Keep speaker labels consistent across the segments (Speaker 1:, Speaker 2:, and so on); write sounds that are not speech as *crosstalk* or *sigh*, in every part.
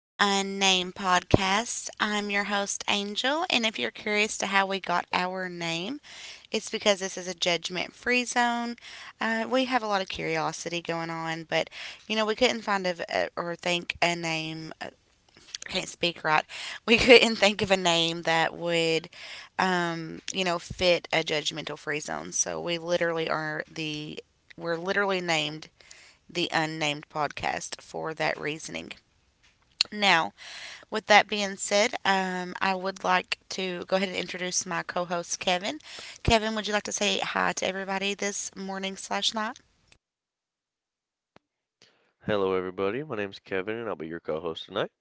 Speaker 1: the Unnamed Podcast. I'm your host, Angel, and if you're curious to how we got our name, it's because this is a judgment free zone. We have a lot of curiosity going on, but we couldn't find a, or think a name, I can't speak right. We *laughs* couldn't think of a name that would, fit a judgmental free zone. So we literally are we're literally named the Unnamed Podcast for that reasoning. Now, with that being said, I would like to go ahead and introduce my co-host Kevin. Kevin, would you like to say hi to everybody this morning slash night?
Speaker 2: Hello, everybody. My name's Kevin, and I'll be your co-host tonight.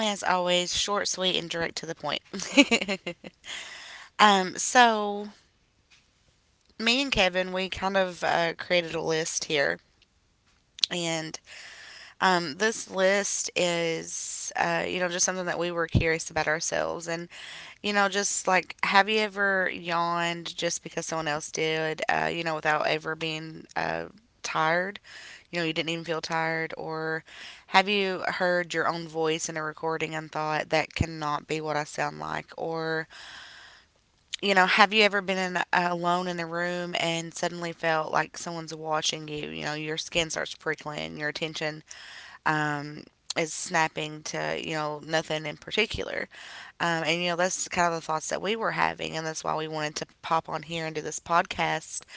Speaker 1: As always, short, sweet, and direct to the point. *laughs* So me and Kevin, we kind of created a list here, and this list is, just something that we were curious about ourselves, and you know, just like, have you ever yawned just because someone else did, without ever being tired? You know, you didn't even feel tired? Or have you heard your own voice in a recording and thought, that cannot be what I sound like? Or, you know, have you ever been alone in a room and suddenly felt like someone's watching you? You know, your skin starts prickling, your attention um, is snapping to, you know, nothing in particular. And you know, that's kind of the thoughts that we were having. And that's why we wanted to pop on here and do this podcast.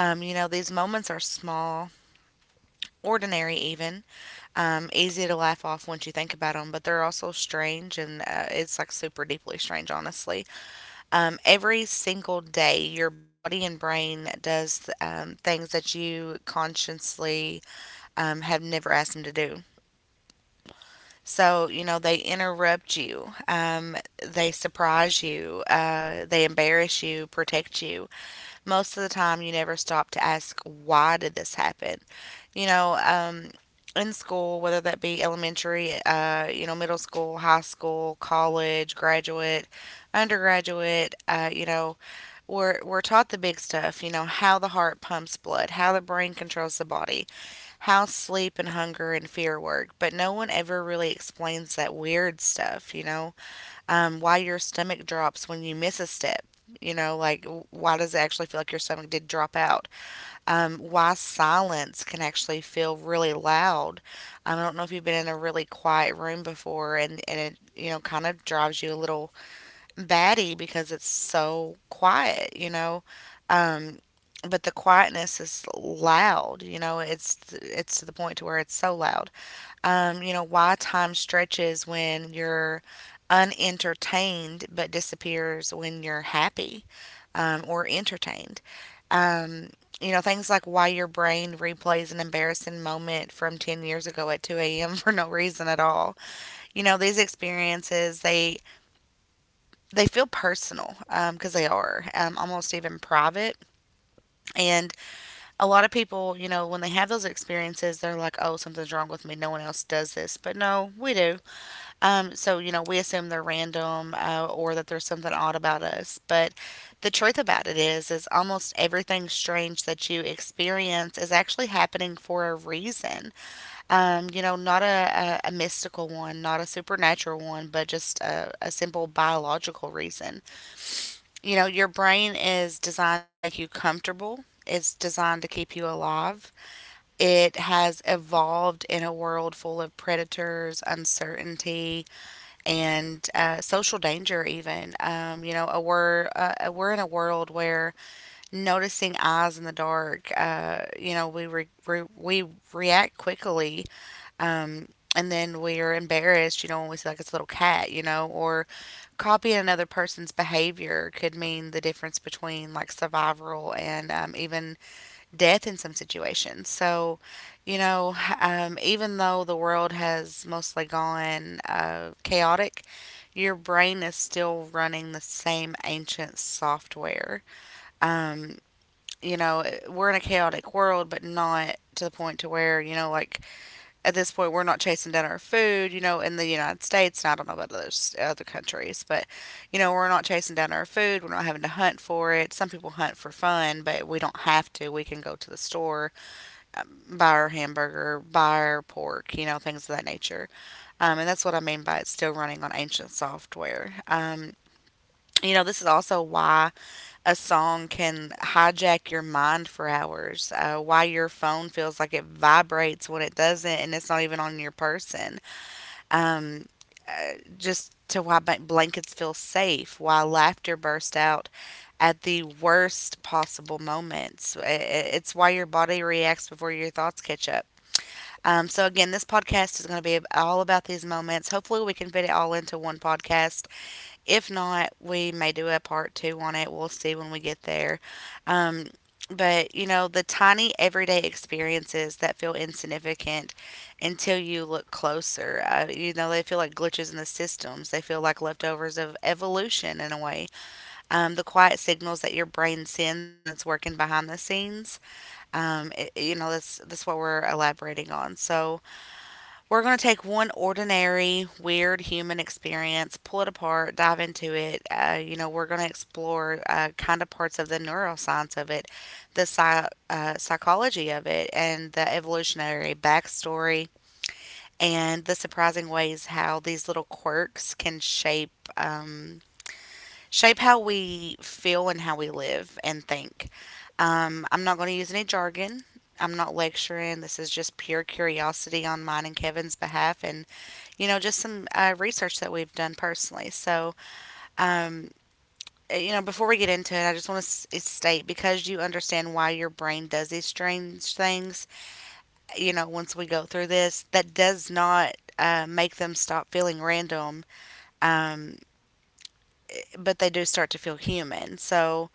Speaker 1: You know, these moments are small, ordinary, even, easy to laugh off once you think about them, but they're also strange. And it's like super deeply strange, honestly. Every single day, your body and brain does things that you consciously have never asked them to do. So, you know, they interrupt you, they surprise you, they embarrass you, protect you. Most of the time, you never stop to ask, why did this happen? You know, um, in school, whether that be elementary, you know, middle school, high school, college, graduate, undergraduate, you know, we're taught the big stuff, you know, how the heart pumps blood, how the brain controls the body, how sleep and hunger and fear work, but no one ever really explains that weird stuff, why your stomach drops when you miss a step. You know, like why does it actually feel like your stomach did drop out? Why silence can actually feel really loud. I don't know if you've been in a really quiet room before, and it you know kind of drives you a little batty because it's so quiet, you know. Um, but the quietness is loud, you know. It's to the point to where it's so loud. You know why time stretches when you're unentertained but disappears when you're happy or entertained. Um, you know things like why your brain replays an embarrassing moment from 10 years ago at 2 a.m. *laughs* for no reason at all. You know these experiences, they feel personal because they are almost even private. And a lot of people, you know, when they have those experiences, they're like, oh, something's wrong with me. No one else does this. But no, we do. So, you know, we assume they're random or that there's something odd about us. But the truth about it is almost everything strange that you experience is actually happening for a reason. You know, not a mystical one, not a supernatural one, but just a simple biological reason. You know, your brain is designed to make you comfortable. It's designed to keep you alive. It has evolved in a world full of predators, uncertainty, and social danger. Even you know, a we're in a world where noticing eyes in the dark, we react quickly um, and then we're embarrassed, you know, when we see like it's a little cat, you know, or copying another person's behavior could mean the difference between like survival and even death in some situations. So, you know, even though the world has mostly gone chaotic, your brain is still running the same ancient software. Um, you know, we're in a chaotic world, but not to the point to where, you know, like at this point we're not chasing down our food, you know, in the United States, and I don't know about other countries, but you know, we're not chasing down our food. We're not having to hunt for it. Some people hunt for fun, but we don't have to. We can go to the store, buy our hamburger, buy our pork, you know, things of that nature. And that's what I mean by it's still running on ancient software. You know, this is also why a song can hijack your mind for hours, why your phone feels like it vibrates when it doesn't and it's not even on your person. Um, just to Why blankets feel safe, why laughter bursts out at the worst possible moments. It's why your body reacts before your thoughts catch up. So, again, this podcast is going to be all about these moments. Hopefully, we can fit it all into one podcast. If not, we may do a part two on it. We'll see when we get there. Um, but, you know, the tiny everyday experiences that feel insignificant until you look closer. You know, they feel like glitches in the systems. They feel like leftovers of evolution in a way. The quiet signals that your brain sends when it's working behind the scenes. You know, that's what we're elaborating on. So, we're going to take one ordinary, weird human experience, pull it apart, dive into it. You know, we're going to explore kind of parts of the neuroscience of it, the psychology of it, and the evolutionary backstory, and the surprising ways how these little quirks can shape um, shape how we feel and how we live and think. I'm not going to use any jargon. I'm not lecturing. This is just pure curiosity on mine and Kevin's behalf, and you know, just some research that we've done personally. So, um, you know, before we get into it, I just want to state because you understand why your brain does these strange things, you know, once we go through this, that does not make them stop feeling random, um, but they do start to feel human. So,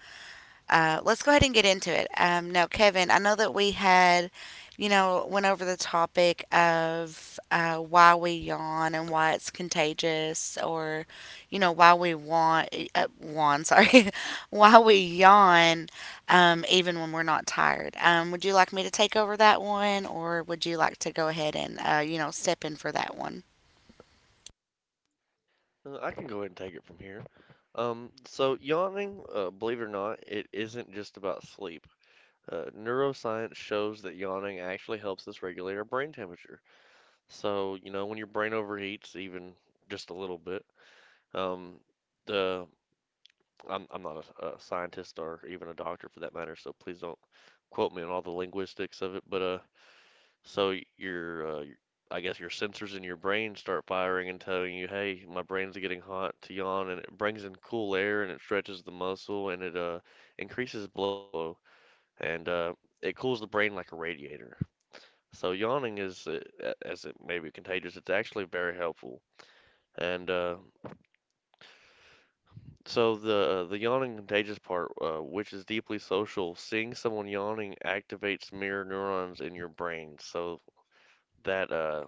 Speaker 1: uh, let's go ahead and get into it. Now, Kevin, I know that we had, you know, went over the topic of why we yawn and why it's contagious, or, you know, why we want, yawn, sorry, *laughs* why we yawn even when we're not tired. Would you like me to take over that one, or would you like to go ahead and, you know, step in for that one?
Speaker 2: I can go ahead and take it from here. So yawning, believe it or not, it isn't just about sleep. Neuroscience shows that yawning actually helps us regulate our brain temperature. So, you know, when your brain overheats, even just a little bit, um, the I'm not a scientist or even a doctor for that matter, so please don't quote me on all the linguistics of it. But so your, I guess your sensors in your brain start firing and telling you, "Hey, my brain's getting hot to yawn," and it brings in cool air and it stretches the muscle and it increases blood flow and it cools the brain like a radiator. So yawning is, as it may be contagious, it's actually very helpful. And so the yawning contagious part, which is deeply social, seeing someone yawning activates mirror neurons in your brain, so that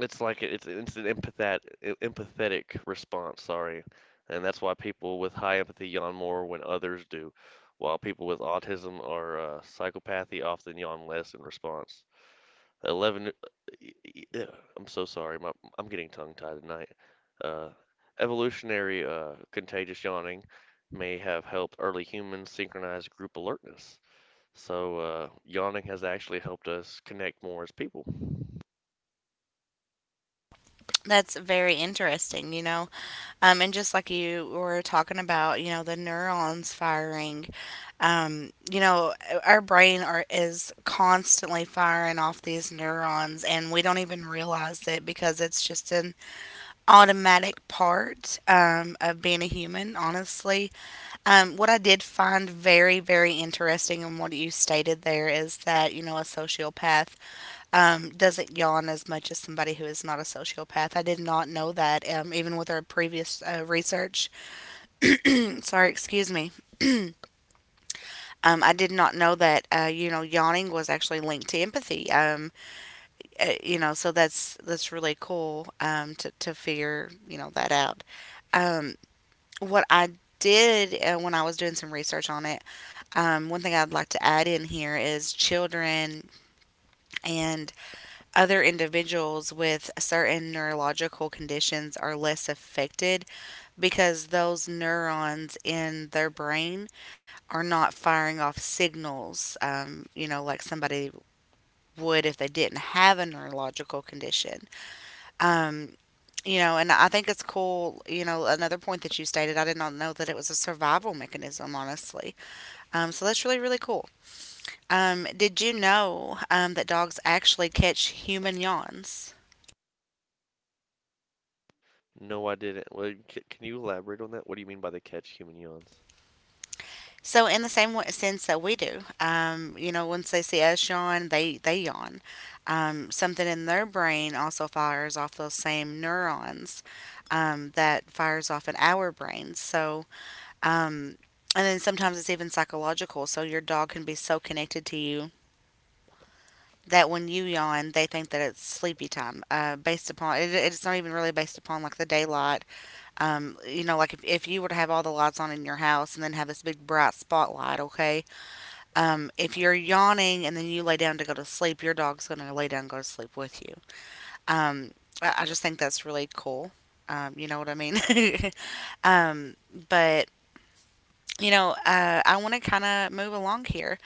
Speaker 2: it's like it's an empathetic response, sorry. And that's why people with high empathy yawn more when others do, while people with autism or psychopathy often yawn less in response. 11 I'm so sorry. My, I'm getting tongue-tied tonight. Uh, Evolutionary contagious yawning may have helped early humans synchronize group alertness. So, yawning has actually helped us connect more as people.
Speaker 1: That's very interesting, you know. And just like you were talking about, you know, the neurons firing, you know, our is constantly firing off these neurons, and we don't even realize it because it's just an automatic part of being a human, honestly. What I did find very, very interesting in what you stated there is that, you know, a sociopath doesn't yawn as much as somebody who is not a sociopath. I did not know that, even with our previous research. *clears throat* Sorry, excuse me. I did not know that. You know, yawning was actually linked to empathy. You know, so that's really cool. To figure you know that out. Um, what I did when I was doing some research on it, one thing I'd like to add in here is children and other individuals with certain neurological conditions are less affected because those neurons in their brain are not firing off signals, you know, like somebody would if they didn't have a neurological condition. Um, you know, and I think it's cool. You know, another point that you stated, I did not know that it was a survival mechanism, honestly. So that's really, really cool. Did you know that dogs actually catch human yawns?
Speaker 2: No, I didn't. Well, can you elaborate on that? What do you mean by the catch human yawns?
Speaker 1: So in the same sense that we do, you know, once they see us yawn, they yawn. Something in their brain also fires off those same neurons that fires off in our brains. So um, and then sometimes it's even psychological. So your dog can be so connected to you that when you yawn, they think that it's sleepy time. Based upon it, it's not even really based upon like the daylight. You know, like if you were to have all the lights on in your house and then have this big bright spotlight, okay, if you're yawning and then you lay down to go to sleep, your dog's going to lay down and go to sleep with you. Um, I just think that's really cool. You know what I mean? *laughs* um, but, you know, I want to kind of move along here.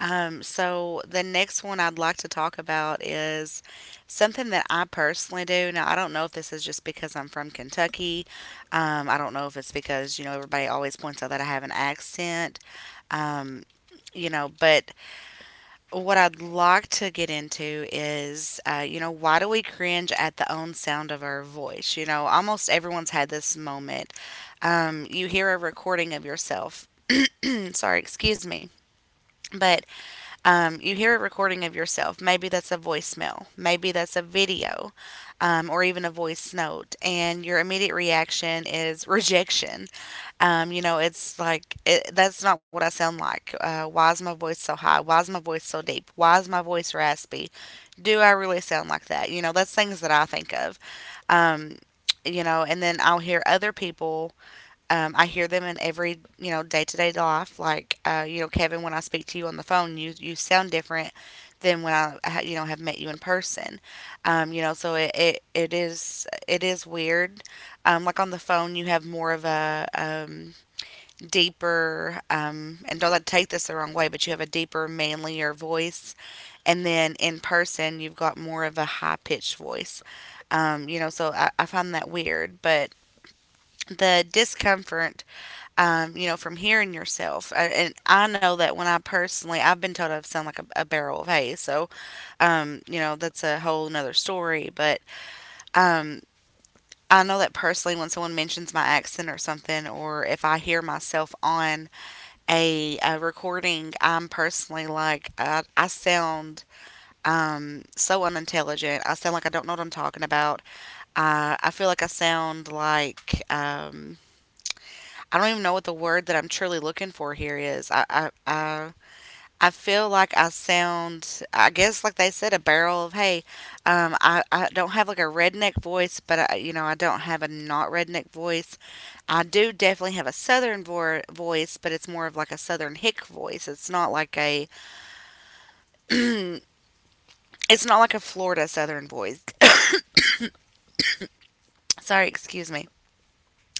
Speaker 1: The next one I'd like to talk about is something that I personally do. Now, I don't know if this is just because I'm from Kentucky. I don't know if it's because, you know, everybody always points out that I have an accent. Um, you know, but what I'd like to get into is, you know, why do we cringe at the own sound of our voice? You know, almost everyone's had this moment. You hear a recording of yourself. *clears throat* Sorry, excuse me. But you hear a recording of yourself. Maybe that's a voicemail. Maybe that's a video or even a voice note. And your immediate reaction is rejection. You know, it's like that's not what I sound like. Why is my voice so high? Why is my voice so deep? Why is my voice raspy? Do I really sound like that? You know, that's things that I think of. Um, you know, and then I'll hear other people. I hear them in every you know day to day life. Like you know, Kevin, when I speak to you on the phone, you sound different than when I you know have met you in person. You know, so it is weird. Like on the phone, you have more of a deeper, and don't let take this the wrong way, but you have a deeper, manlier voice. And then in person, you've got more of a high pitched voice. You know, so I find that weird, but the discomfort, you know, from hearing yourself. And I know that when I personally, I've been told I sound like a barrel of hay. So, you know, that's a whole nother story. But um, I know that personally, when someone mentions my accent or something, or if I hear myself on a recording, I'm personally like, I sound so unintelligent. I sound like I don't know what I'm talking about. I feel like I sound like I don't even know what the word that I'm truly looking for here is. I feel like I sound, I guess, like they said, a barrel of hay. I don't have like a redneck voice, but I, you know, I don't have a not redneck voice. I do definitely have a voice, but it's more of like a southern hick voice. It's not like a Florida southern voice. *clears throat* Sorry, excuse me.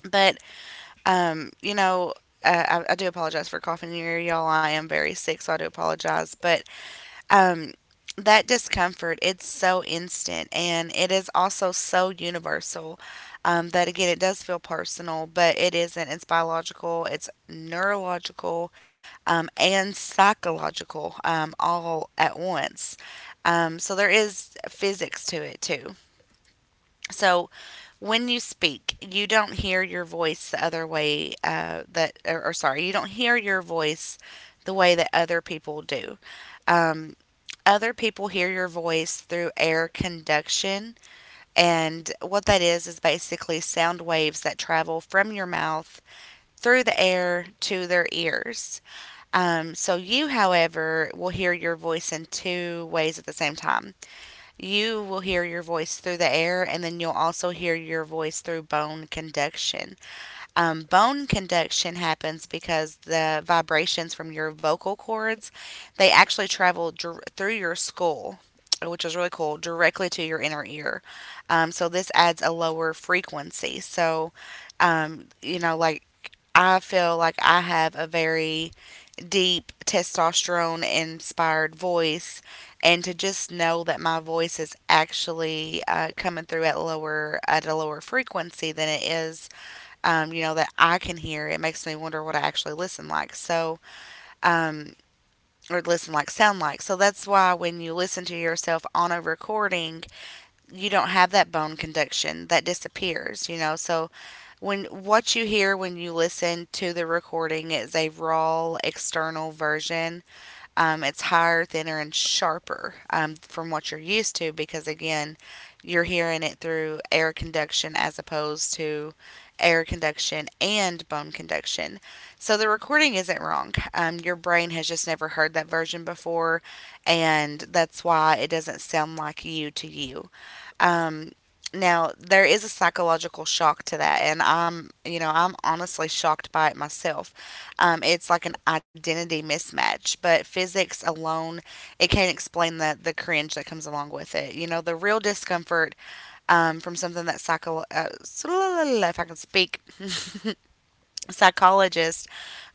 Speaker 1: But, you know, I do apologize for coughing in your ear, y'all. I am very sick, so I do apologize. But Um, that discomfort, it's so instant and it is also so universal that, again, it does feel personal, but it isn't. It's biological, it's neurological, and psychological all at once. So there is physics to it too. So when you speak, you don't hear your voice the other way or sorry, you don't hear your voice the way that other people do. Um, Other people hear your voice through air conduction. And what that is basically sound waves that travel from your mouth through the air to their ears. You, however, will hear your voice in two ways at the same time. You will hear your voice through the air, and then you'll also hear your voice through bone conduction. Bone conduction happens because the vibrations from your vocal cords they actually travel through your skull, which is really cool, directly to your inner ear. So this adds a lower frequency. So, you know, like I feel like I have a very deep testosterone inspired voice and to just know that my voice is actually coming through at lower at a lower frequency than it is you know, that I can hear, it makes me wonder what I actually listen like. So, um, or listen like sound like. So that's why when you listen to yourself on a recording, you don't have that bone conduction that disappears, you know. So when what you hear when you listen to the recording is a raw external version it's higher, thinner, and sharper from what you're used to because, again, you're hearing it through air conduction as opposed to air conduction and bone conduction. So the recording isn't wrong. Your brain has just never heard that version before, and that's why it doesn't sound like you to you. Um, Now there is a psychological shock to that, and you know, I'm honestly shocked by it myself. It's like an identity mismatch, but physics alone, it can't explain the cringe that comes along with it. You know, the real discomfort from something that *laughs* if I can speak, *laughs* psychologists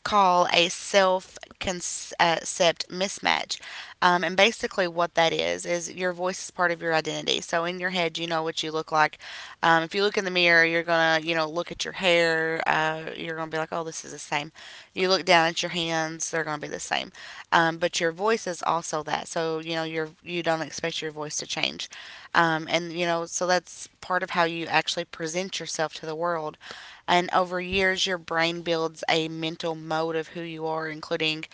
Speaker 1: call a self concept mismatch. And basically, what that is your voice is part of your identity. So, in your head, you know what you look like. If you look in the mirror, you're going to, you know, look at your hair. You're going to be like, oh, this is the same. You look down at your hands, they're going to be the same. But your voice is also that. So, you know, you don't expect your voice to change. And, you know, so that's part of how you actually present yourself to the world and over years, your brain builds a mental mode of who you are, including,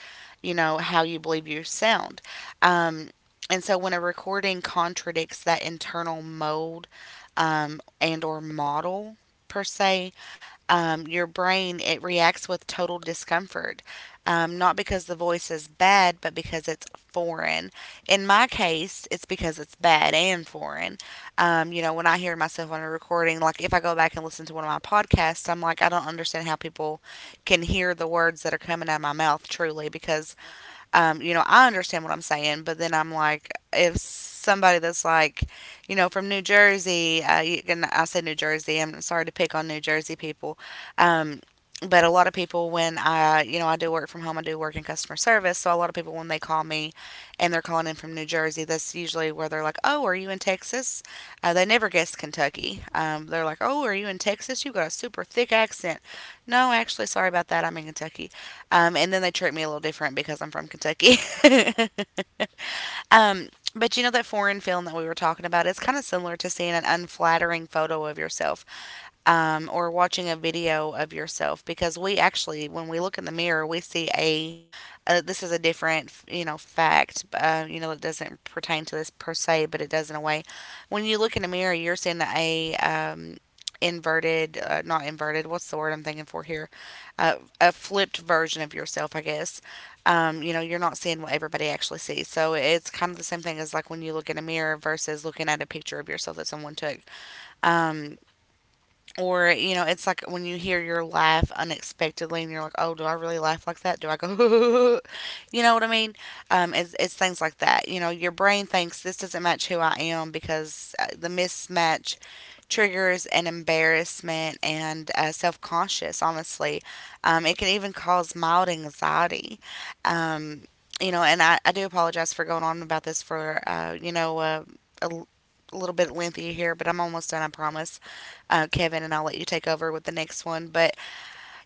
Speaker 1: you know, how you believe you sound. Um, and so when a recording contradicts that internal mold and or model per se, your brain it reacts with total discomfort not because the voice is bad but because it's foreign in my case it's because it's bad and foreign you know, when I hear myself on a recording, like if I go back and listen to one of my podcasts, I'm like, I don't understand how people can hear the words that are coming out of my mouth truly because you know, I understand what I'm saying, but then I'm like, if somebody that's like, you know, from New Jersey, you can, I said New Jersey, I'm sorry to pick on New Jersey people, um, but a lot of people when I, you know, I do work from home, I do work in customer service, so a lot of people when they call me and they're calling in from New Jersey, that's usually where they're like, oh, are you in Texas? They never guess Kentucky. They're like, oh, are you in Texas? You've got a super thick accent. No, actually, sorry about that, I'm in Kentucky. And then they treat me a little different because I'm from Kentucky. *laughs* um, but you know that foreign film that we were talking about? It's kind of similar to seeing an unflattering photo of yourself or watching a video of yourself because we actually, when we look in the mirror, we see a this is a different, you know, fact, you know, it doesn't pertain to this per se, but it does in a way. When you look in a mirror, you're seeing a inverted, not inverted, what's the word I'm thinking for here? A flipped version of yourself, I guess. You know, you're not seeing what everybody actually sees. So it's kind of the same thing as like when you look in a mirror versus looking at a picture of yourself that someone took. Um, you know, it's like when you hear your laugh unexpectedly and you're like, oh, do I really laugh like that? Do I go, *laughs* you know what I mean? It's things like that. You know, your brain thinks this doesn't match who I am because the mismatch triggers an embarrassment and self conscious, honestly. It can even cause mild anxiety. Um, you know, and I do apologize for going on about this for, a l- a little bit lengthy here, but I'm almost done, I promise Kevin, and I'll let you take over with the next one. But,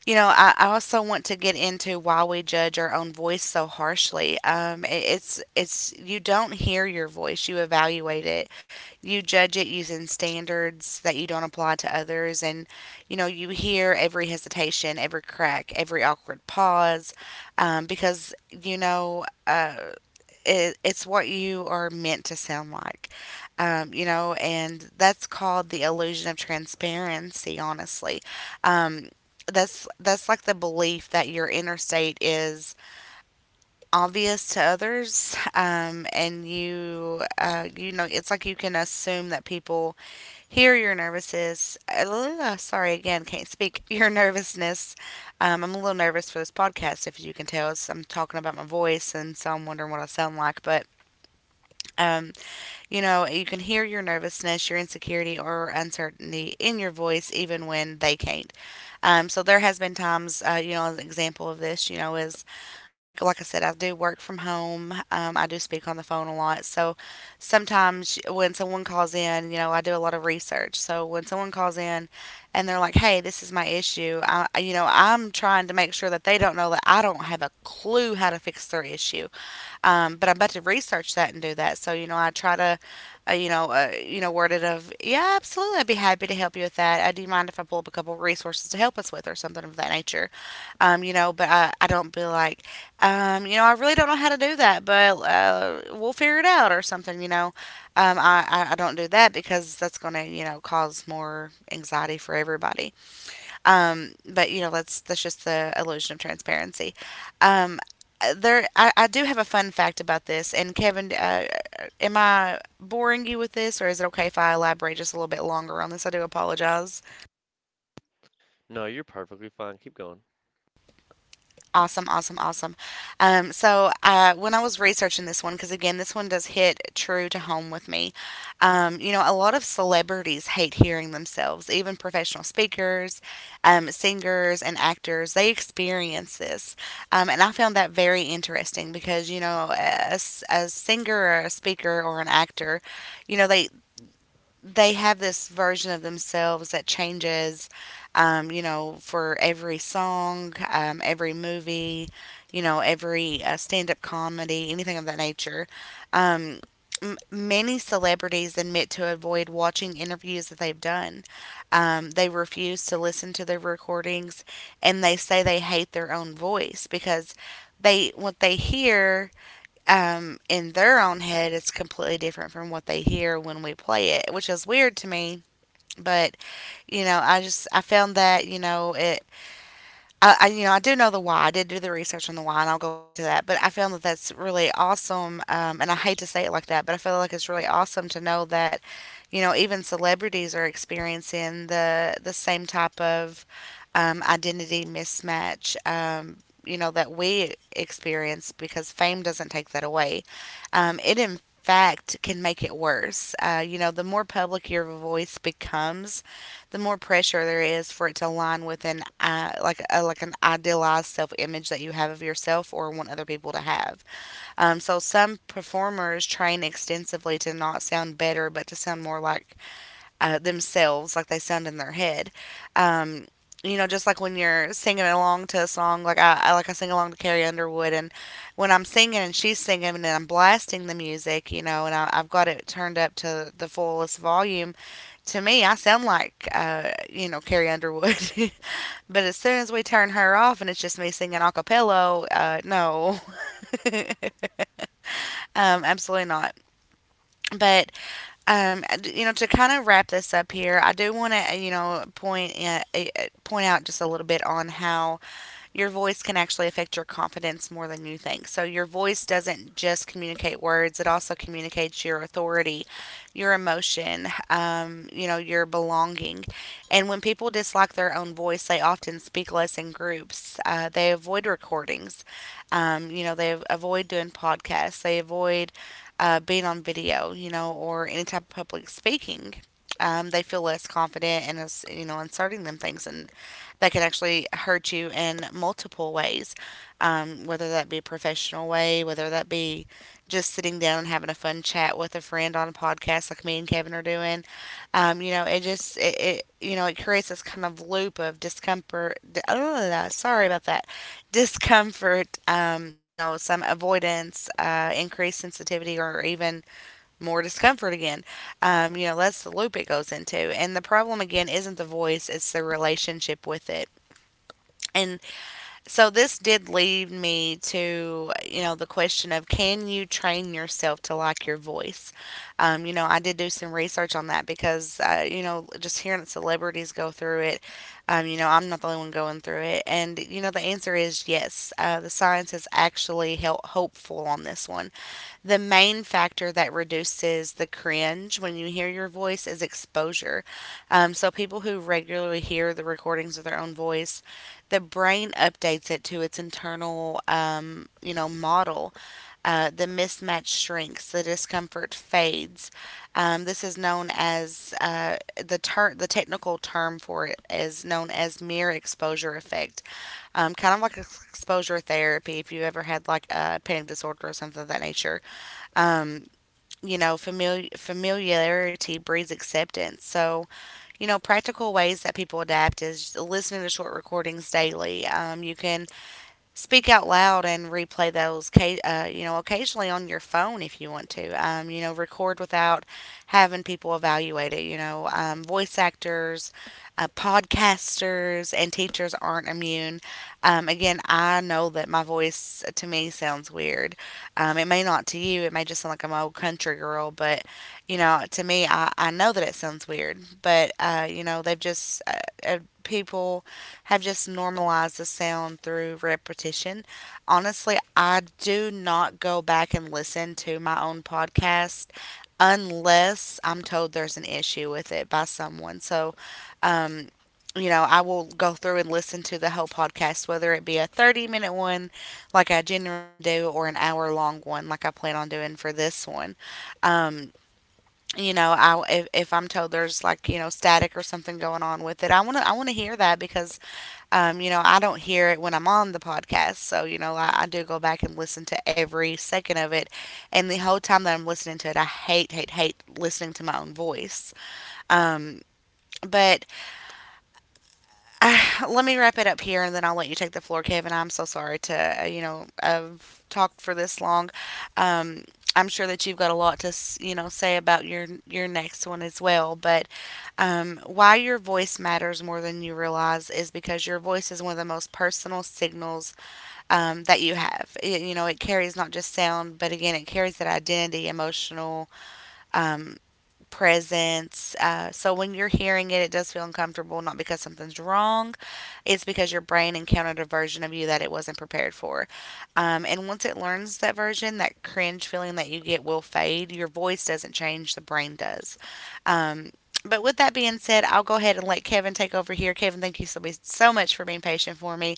Speaker 1: you know, I also want to get into why we judge our own voice so harshly. You don't hear your voice, you evaluate it, you judge it using standards that you don't apply to others. And, you know, you hear every hesitation, every crack, every awkward pause, because, it's what you are meant to sound like, you know, and that's called the illusion of transparency. Honestly, um, that's like the belief that your inner state is obvious to others, *laughs* and you you know it's like you can assume that people hear your nervousness. Sorry again, can't speak *laughs* your nervousness. I'm a little nervous for this podcast, if you can tell. It's, I'm talking about my voice, and so I'm wondering what I sound like, but. Um, you know, you can hear your nervousness, your insecurity, or uncertainty in your voice, even when they can't. So there has been times, you know, as an example of this, you know, is like I said, I do work from home. I do speak on the phone a lot, so sometimes when someone calls in, you know, I do a lot of research. So when someone calls in, and they're like, "Hey, this is my issue," I, you know, I'm trying to make sure that they don't know that I don't have a clue how to fix their issue. But I'm about to research that and do that. So you know, you know, word it of yeah, absolutely, I'd be happy to help you with that. I do you mind if I pull up a couple resources to help us with or something of that nature? You know, but I don't be like, you know, I really don't know how to do that, but we'll figure it out or something. You know, I don't do that because that's going to you know cause more anxiety for everybody. But you know, that's just the illusion of transparency. Um, there, I do have a fun fact about this. And Kevin, am I boring you with this, or is it okay if I elaborate just a little bit longer on this? I do apologize.
Speaker 2: No, you're perfectly fine. Keep going.
Speaker 1: Awesome, awesome, awesome. When I was researching this one, because again, this one does hit true to home with me. You know, a lot of celebrities hate hearing themselves, even professional speakers, singers, and actors. They experience this, and I found that very interesting because you know, a singer or a speaker or an actor, you know, they have this version of themselves that changes, you know, for every song, every movie, you know, every stand up comedy, anything of that nature. Um, many celebrities admit to avoid watching interviews that they've done. They refuse to listen to their recordings and they say they hate their own voice because they what they hear in their own head it's completely different from what they hear when we play it, which is weird to me. But you know, I found that you know it, I, you know, I do know the why. I did do the research on the why, and I'll go into that. But I found that that's really awesome, and I hate to say it like that, but I feel like it's really awesome to know that, you know, even celebrities are experiencing the same type of identity mismatch. You know that we experience because fame doesn't take that away. It in fact can make it worse. You know, the more public your voice becomes, the more pressure there is for it to align with like an idealized self image that you have of yourself or want other people to have. So some performers train extensively to not sound better, but to sound more like themselves, like they sound in their head. Um, you know, just like when you're singing along to a song, I sing along to Carrie Underwood, and when I'm singing and she's singing and I'm blasting the music, you know, and I've got it turned up to the fullest volume. To me, I sound like you know Carrie Underwood, *laughs* but as soon as we turn her off and it's just me singing a cappella, no, *laughs* absolutely not. But you know, to kind of wrap this up here, I do want to, you know, point out just a little bit on how your voice can actually affect your confidence more than you think. So, your voice doesn't just communicate words, it also communicates your authority, your emotion, you know, your belonging. And when people dislike their own voice, they often speak less in groups. They avoid recordings, you know, they avoid doing podcasts, they avoid being on video, you know, or any type of public speaking they feel less confident and you know inserting them things in that can actually hurt you in multiple ways, whether that be a professional way, whether that be just sitting down and having a fun chat with a friend on a podcast like me and Kevin are doing. You know, it just it, it you know it creates this kind of loop of discomfort. Sorry about that, discomfort. You know, some avoidance, increased sensitivity, or even more discomfort again. You know, that's the loop it goes into. And the problem again isn't the voice; it's the relationship with it and so this did lead me to, you know, the question of can you train yourself to like your voice? You know, I did do some research on that because, you know, just hearing celebrities go through it, you know, I'm not the only one going through it. And, you know, the answer is yes. The science is actually hopeful on this one. The main factor that reduces the cringe when you hear your voice is exposure. So, people who regularly hear the recordings of their own voice, the brain updates it to its internal, you know, model. The mismatch shrinks, the discomfort fades. This is known as the technical term for it is known as mirror exposure effect. Kind of like exposure therapy if you ever had like a panic disorder or something of that nature. Um, you know, familiarity breeds acceptance. So, you know, practical ways that people adapt is listening to short recordings daily. You can speak out loud and replay those, you know, occasionally on your phone if you want to. You know, record without having people evaluate it. You know, voice actors, podcasters, and teachers aren't immune. Again, I know that my voice to me sounds weird. It may not to you. It may just sound like I'm an old country girl, but you know, to me, I know that it sounds weird. But you know, they've just people have just normalized the sound through repetition. Honestly, I do not go back and listen to my own podcast unless I'm told there's an issue with it by someone. So, um, you know, I will go through and listen to the whole podcast, whether it be a 30 minute one like I generally do or an hour long one like I plan on doing for this one. Um, you know, I if I'm told there's like, you know, static or something going on with it, I want to hear that because you know, I don't hear it when I'm on the podcast. So, you know, I do go back and listen to every second of it. And the whole time that I'm listening to it, I hate, hate, hate listening to my own voice. Um, but uh, *sighs* let me wrap it up here and then I'll let you take the floor, Kevin. I'm so sorry to, you know, I've talked for this long. Um, I'm sure that you've got a lot to, you know, say about your next one as well. But why your voice matters more than you realize is because your voice is one of the most personal signals that you have. It, you know, it carries not just sound, but again, it carries that identity, emotional um, presence. So when you're hearing it, it does feel uncomfortable, not because something's wrong, it's because your brain encountered a version of you that it wasn't prepared for. And once it learns that version, that cringe feeling that you get will fade. Your voice doesn't change, the brain does. Um, but with that being said, I'll go ahead and let Kevin take over here. Kevin, thank you so, so much for being patient for me.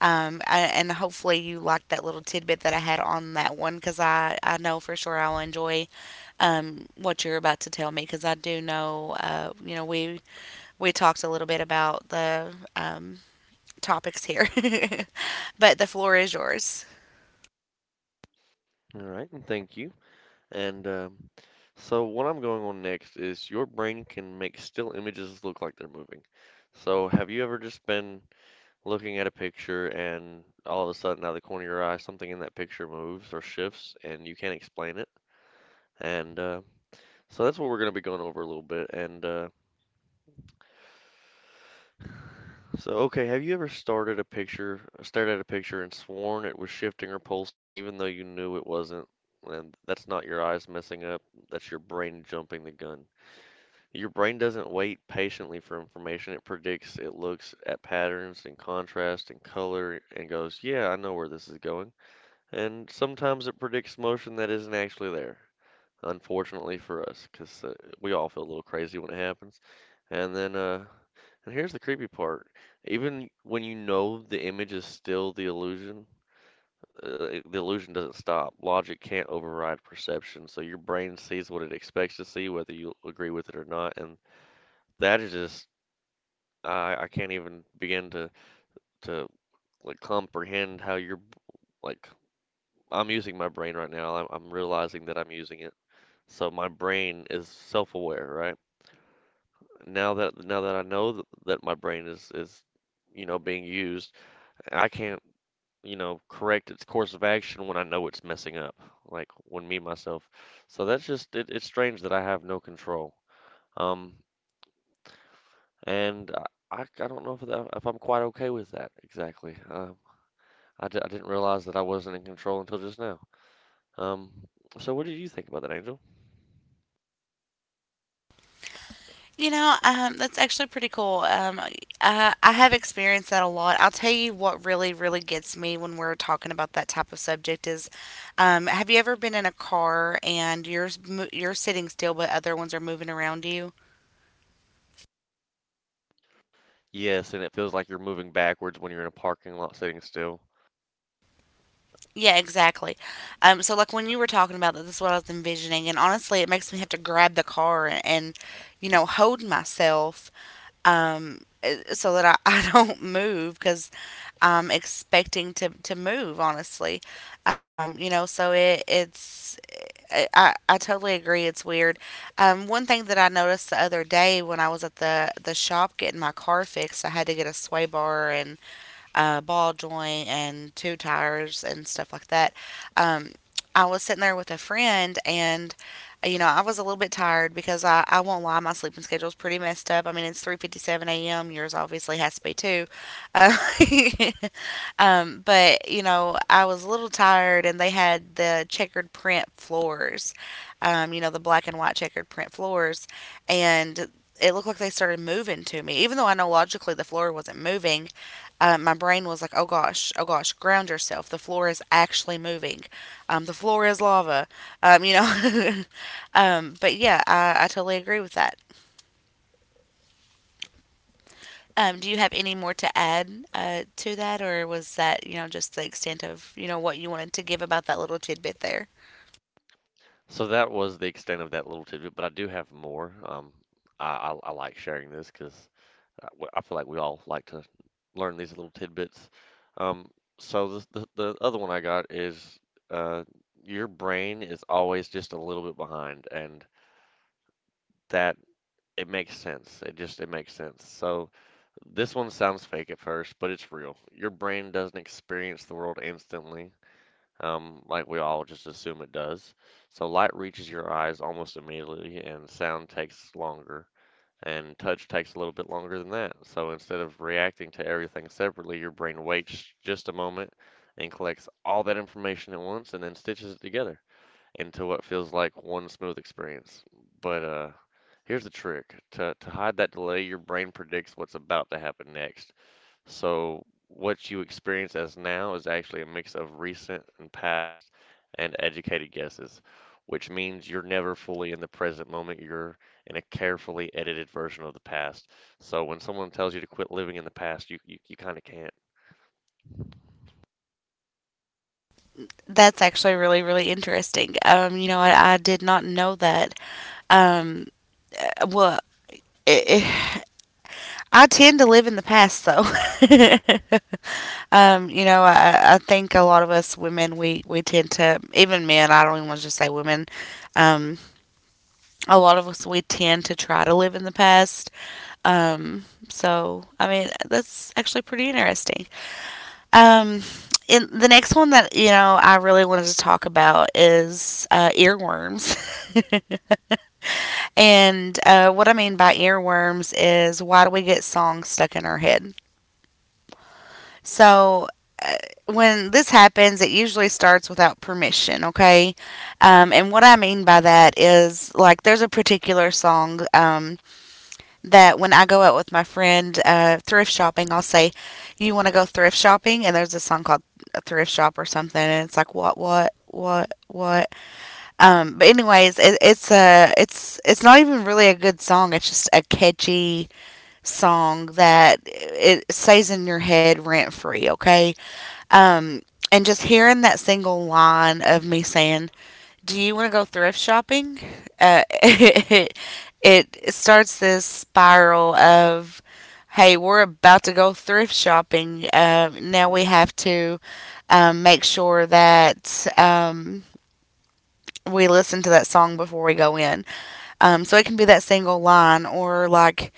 Speaker 1: And hopefully you liked that little tidbit that I had on that one because I know for sure I'll enjoy what you're about to tell me because I do know, we talked a little bit about the topics here, *laughs* but the floor is yours.
Speaker 2: All right, and thank you. And so what I'm going on next is your brain can make still images look like they're moving. So have you ever just been looking at a picture and all of a sudden out of the corner of your eye something in that picture moves or shifts and you can't explain it? And so that's what we're going to be going over a little bit. Okay, have you ever started a picture, stared at a picture and sworn it was shifting or pulsing even though you knew it wasn't? And that's not your eyes messing up, that's your brain jumping the gun. Your brain doesn't wait patiently for information, it predicts, it looks at patterns and contrast and color and goes, "Yeah, I know where this is going." And sometimes it predicts motion that isn't actually there. Unfortunately for us, 'cause we all feel a little crazy when it happens. And then uh and here's the creepy part. Even when you know the image is still the illusion doesn't stop. Logic can't override perception, so your brain sees what it expects to see, whether you agree with it or not. And that is just, I can't even begin to to like comprehend how you're like. I'm using my brain right now. I'm realizing that I'm using it. So my brain is self-aware, right? Now that I know that, that my brain is, you know, being used, I can't, you know, correct its course of action when I know it's messing up, like when me myself. So that's just it, it's strange that I have no control. Um, and I don't know if that, if I'm quite okay with that exactly. I didn't realize that I wasn't in control until just now. Um, so what did you think about that, Angel?
Speaker 1: You know, that's actually pretty cool. I have experienced that a lot. I'll tell you what really, really gets me when we're talking about that type of subject is, have you ever been in a car and you're sitting still, but other ones are moving around you?
Speaker 2: Yes, and it feels like you're moving backwards when you're in a parking lot sitting still.
Speaker 1: Yeah, exactly. So like when you were talking about that, this is what I was envisioning, and honestly, it makes me have to grab the car and hold myself so that I, *laughs* I don't move because I'm expecting to move. Honestly, so it's I totally agree. It's weird. One thing that I noticed the other day when I was at the shop getting my car fixed, I had to get a sway bar and ball joint and two tires and stuff like that. Um, I was sitting there with a friend and you know, I was a little bit tired because I won't lie, my sleeping schedule's pretty messed up. I mean, it's 3:57 a.m. Yours obviously has to be too. Um, *laughs* but you know, I was a little tired, and they had the checkered print floors, you know, the black and white checkered print floors, and it looked like they started moving to me, even though I know logically the floor wasn't moving. My brain was like, oh gosh, ground yourself. The floor is actually moving. The floor is lava. You know, *laughs* but yeah, I totally agree with that. Do you have any more to add to that, or was that just the extent of what you wanted to give about that little tidbit there?
Speaker 2: So that was the extent of that little tidbit, but I do have more. I like sharing this because I feel like we all like to learn these little tidbits. Um, so the the other one I got is uh, your brain is always just a little bit behind, and that it makes sense. It just it makes sense. So this one sounds fake at first, but it's real. Your brain doesn't experience the world instantly, like we all just assume it does. So light reaches your eyes almost immediately, and sound takes longer. And touch takes a little bit longer than that. So instead of reacting to everything separately, your brain waits just a moment and collects all that information at once and then stitches it together into what feels like one smooth experience. But Here's the trick. To hide that delay, your brain predicts what's about to happen next. So what you experience as now is actually a mix of recent and past and educated guesses, which means you're never fully in the present moment. You're in a carefully edited version of the past. So when someone tells you to quit living in the past, you kind of can't.
Speaker 1: That's actually really really interesting. I did not know that. Um, uh, well, it, it, I tend to live in the past, though. *laughs* You know, I think a lot of us women, we tend to, even men, I don't even want to just say women, um, a lot of us, we tend to try to live in the past. So, I mean, that's actually pretty interesting. Um, and the next one that, you know, I really wanted to talk about is earworms. *laughs* And what I mean by earworms is why do we get songs stuck in our head? So uh, when this happens, it usually starts without permission, okay? And what I mean by that is like there's a particular song that when I go out with my friend thrift shopping, I'll say, "You want to go thrift shopping?" And there's a song called "Thrift Shop" or something, and it's like, "What? What? What what?" But anyways, it's not even really a good song. It's just a catchy song that it stays in your head rent free. Okay, um, and just hearing that single line of me saying, "Do you want to go thrift shopping?" Uh, *laughs* it, it starts this spiral of, "Hey, we're about to go thrift shopping. Now we have to make sure that." We listen to that song before we go in. So it can be that single line, or like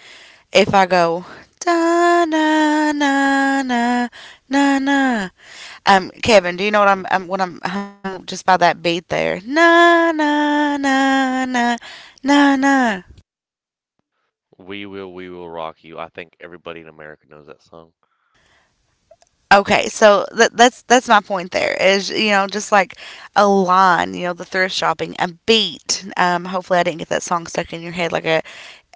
Speaker 1: if I go da na na na na na, Kevin, do you know what I'm what I'm humming just by that beat there? Na na na na na na.
Speaker 2: We will rock you. I think everybody in America knows that song.
Speaker 1: Okay, so that's my point. There is, you know, just like a line, you know, the thrift shopping, a beat. Hopefully, I didn't get that song stuck in your head like a,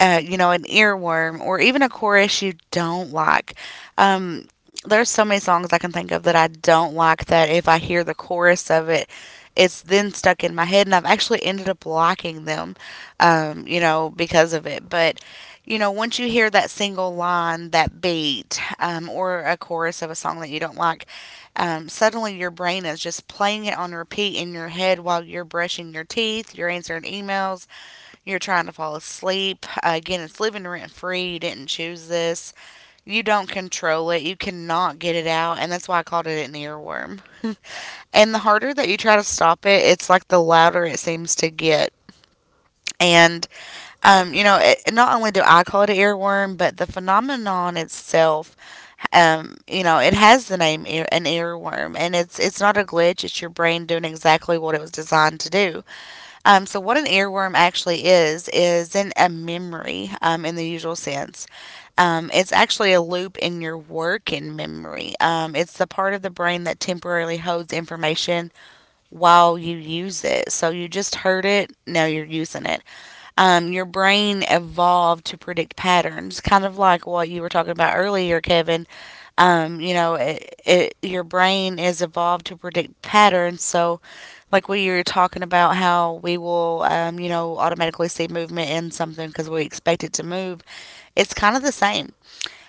Speaker 1: uh, you know, an earworm or even a chorus you don't like. Um, there's so many songs I can think of that I don't like that if I hear the chorus of it, it's then stuck in my head, and I've actually ended up liking them, you know, because of it. But you know, once you hear that single line, that beat, or a chorus of a song that you don't like, suddenly your brain is just playing it on repeat in your head while you're brushing your teeth, you're answering emails, you're trying to fall asleep. Again, it's living rent free. You didn't choose this. You don't control it. You cannot get it out. And that's why I called it an earworm. *laughs* And the harder that you try to stop it, it's like the louder it seems to get. And you know, it, not only do I call it an earworm, but the phenomenon itself, you know, it has the name ear, an earworm, and it's not a glitch. It's your brain doing exactly what it was designed to do. So what an earworm actually is in a memory, in the usual sense. It's actually a loop in your working memory. It's the part of the brain that temporarily holds information while you use it. So you just heard it, now you're using it. Your brain evolved to predict patterns, kind of like what you were talking about earlier, Kevin. You know, it, your brain is evolved to predict patterns. So, like we were talking about how we will, you know, automatically see movement in something because we expect it to move, it's kind of the same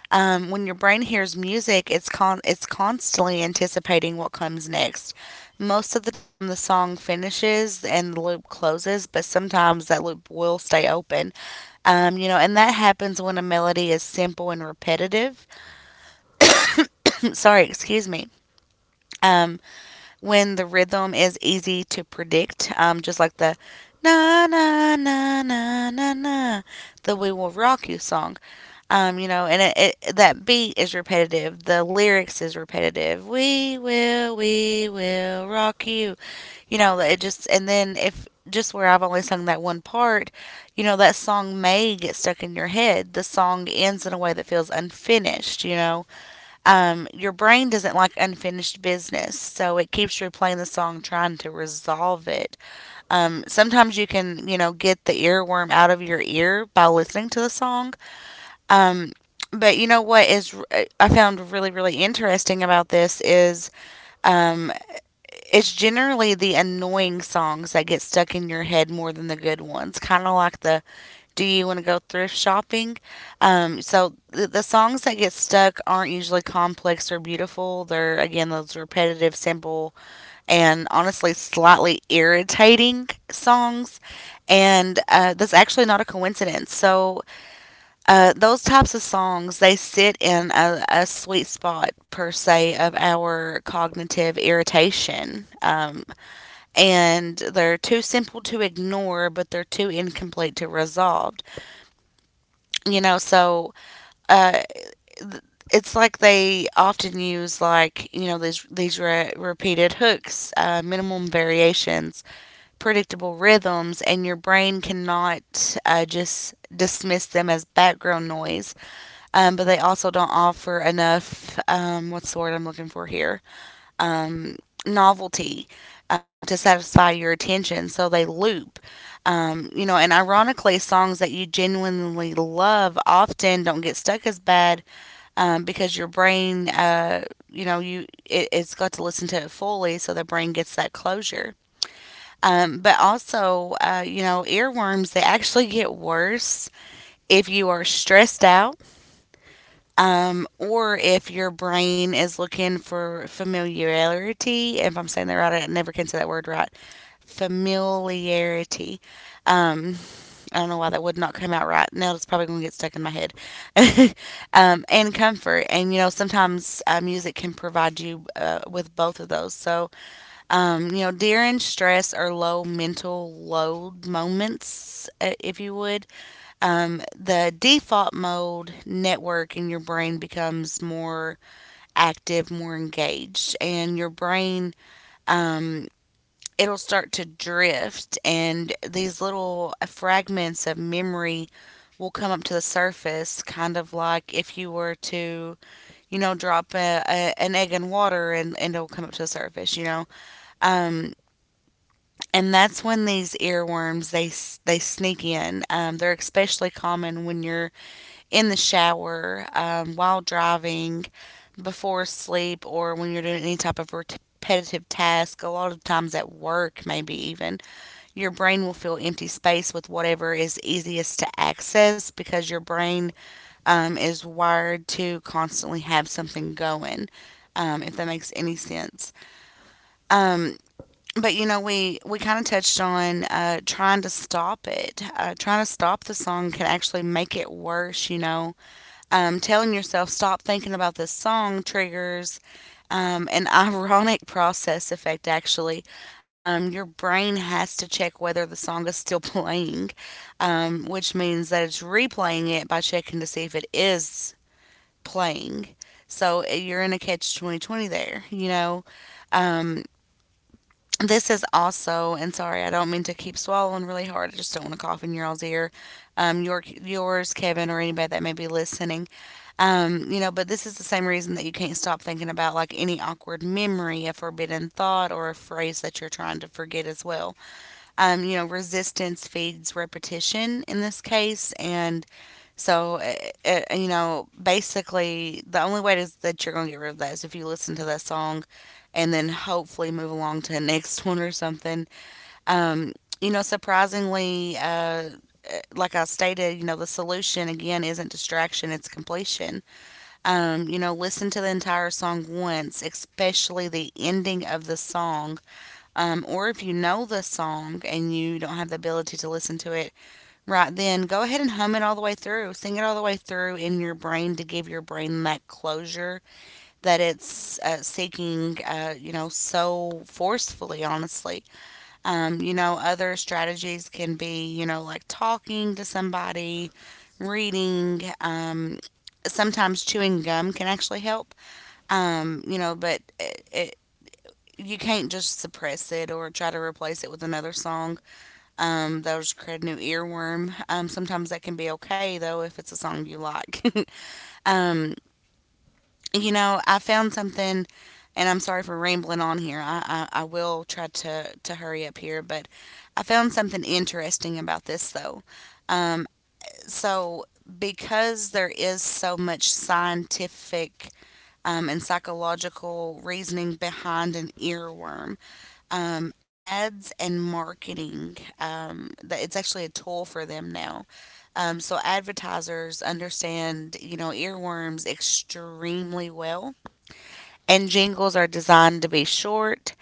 Speaker 1: when your brain hears music, it's constantly anticipating what comes next. Most of the time, the song finishes and the loop closes, but sometimes that loop will stay open. You know, and that happens when a melody is simple and repetitive. *laughs* Sorry, excuse me. Um, when the rhythm is easy to predict, just like the na na na na na na, the "We Will Rock You" song. You know, and it, that beat is repetitive. The lyrics is repetitive. We will rock you. You know, it just and then if just where I've only sung that one part, you know, that song may get stuck in your head. The song ends in a way that feels unfinished. You know, your brain doesn't like unfinished business, so it keeps replaying the song, trying to resolve it. Sometimes you can, you know, get the earworm out of your ear by listening to the song. Um, but you know what is I found really really interesting about this is um, it's generally the annoying songs that get stuck in your head more than the good ones. Kind of like the do you want to go thrift shopping? So the songs that get stuck aren't usually complex or beautiful. They're again those repetitive, simple, and honestly slightly irritating songs. And that's actually not a coincidence. So those types of songs they sit in a sweet spot per se of our cognitive irritation. And they're too simple to ignore, but they're too incomplete to resolve. You know, so uh, it's like they often use like you know these repeated hooks, minimum variations, predictable rhythms, and your brain cannot just dismiss them as background noise. But they also don't offer enough. What's the word I'm looking for here? Um, novelty to satisfy your attention, so they loop. You know, and ironically, songs that you genuinely love often don't get stuck as bad because your brain, you know, you it's got to listen to it fully, so the brain gets that closure. But also, you know, earworms they actually get worse if you are stressed out or if your brain is looking for familiarity, if I'm saying that right, I never can say that word right. Familiarity. Um, I don't know why that would not come out right. Now it's probably going to get stuck in my head. *laughs* Um, and comfort. And, you know, sometimes music can provide you with both of those. So, you know, during stress or low mental load moments, if you would, the default mode network in your brain becomes more active, more engaged, and your brain um, it'll start to drift, and these little fragments of memory will come up to the surface, kind of like if you were to, you know, drop an egg in water and it'll come up to the surface, you know. Um, and that's when these earworms they sneak in. They're especially common when you're in the shower, while driving, before sleep, or when you're doing any type of repetitive task. A lot of times at work, maybe even, your brain will fill empty space with whatever is easiest to access because your brain is wired to constantly have something going. If that makes any sense. Um, but we kind of touched on trying to stop it. Trying to stop the song can actually make it worse. You know, telling yourself stop thinking about this song triggers an *laughs* ironic process effect. Actually, your brain has to check whether the song is still *laughs* playing, which means that it's replaying it by checking to see if it is playing. So you're in a catch 2020 there, you know. Um, this is also, and sorry, I don't mean to keep swallowing really hard, I just don't want to cough in your all's ear, your, yours, Kevin, or anybody that may be listening. Um, you know, but this is the same reason that you can't stop thinking about like any awkward memory, a forbidden thought, or a phrase that you're trying to forget as well. You know, resistance feeds repetition in this case, and so you know, basically, the only way to, that you're going to get rid of that is if you listen to that song, and then hopefully move along to the next *laughs* one or something. Um, you know, surprisingly, like I stated, you know, the solution again isn't distraction, it's completion. You know, listen to the entire song once, especially the ending of the song. Or if you know the song and you don't have the ability to listen to it right then, go ahead and hum it all the way through. Sing it all the way through in your brain to give your brain that closure that it's seeking, you know, so forcefully, honestly. You know, other strategies can be, you know, like talking to somebody, reading, sometimes chewing gum can actually help. You know, but you can't just suppress it or try to replace it with another song. That'll just create a new earworm. Sometimes that can be okay though if it's a song you like. *laughs* um, you know, I found something, and I'm sorry for rambling on here. I will try to hurry up here, but I found something interesting about this though. Um, so because there is so much scientific and psychological reasoning behind an earworm. Ads and marketing, that it's actually a tool for them now. So advertisers understand, you know, earworms extremely well. And jingles are designed to be short,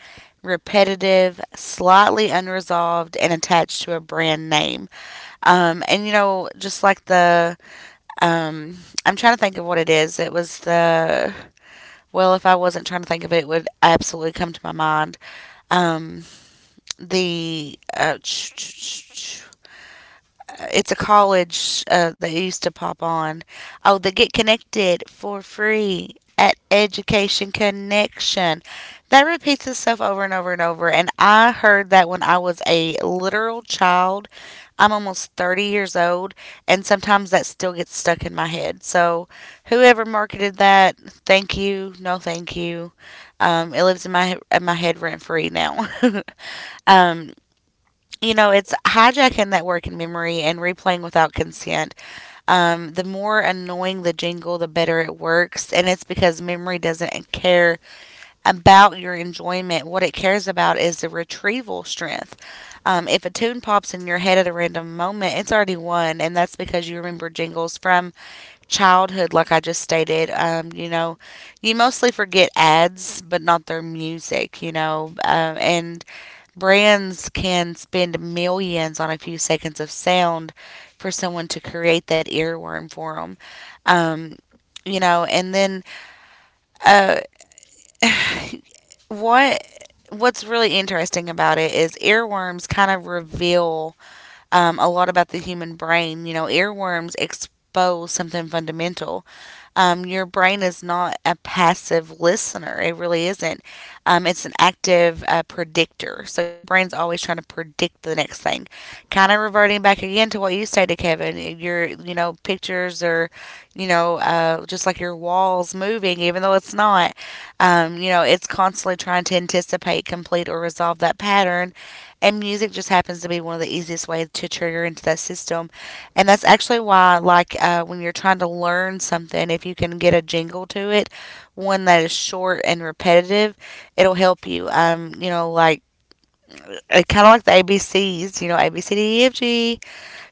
Speaker 1: repetitive, slightly unresolved, and attached to a brand name. And you know, just like the, um, I'm trying to think of what it is. It was the, well, if I wasn't trying to think of it, it would absolutely come to my mind. Um, the *tsk* it's a college that used to pop on. Oh, the Get Connected for free at Education Connection. That repeats itself over and over and over. And I heard that when I was a literal child. I'm almost 30 years old, and sometimes that still gets stuck in my head. So, whoever marketed that, thank you. No, thank you. It lives in my head rent free now. *laughs* um, you know, it's hijacking that working memory and replaying without consent. The more annoying the jingle, the better it works. And it's because memory doesn't care about your enjoyment. What it cares about is the retrieval strength. If a tune pops in your head at a random moment, it's already won. And that's because you remember jingles from childhood, like I just stated. You know, you mostly forget ads, but not their music, you know. And brands can spend millions on a few seconds of sound for someone to create that earworm for them. Um, you know, and then what what's really interesting about it is earworms kind of reveal a lot about the human brain. You know, earworms expose something fundamental. Your brain is not a passive listener, it really isn't. It's an active predictor. So your brain's always trying to predict the next thing. Kind of reverting back again to what you stated, Kevin. Your, you know, pictures are, you know, just like your walls moving, even though it's not. You know, it's constantly trying to anticipate, complete, or resolve that pattern, and music just happens to be one of the easiest ways to trigger into that system. And that's actually why, like, when you're trying to learn something, if you can get a jingle to it, one that is short and repetitive, it'll help you. You know, like, it kind of like the ABCs, you know, A, B, C, D, E, F, G,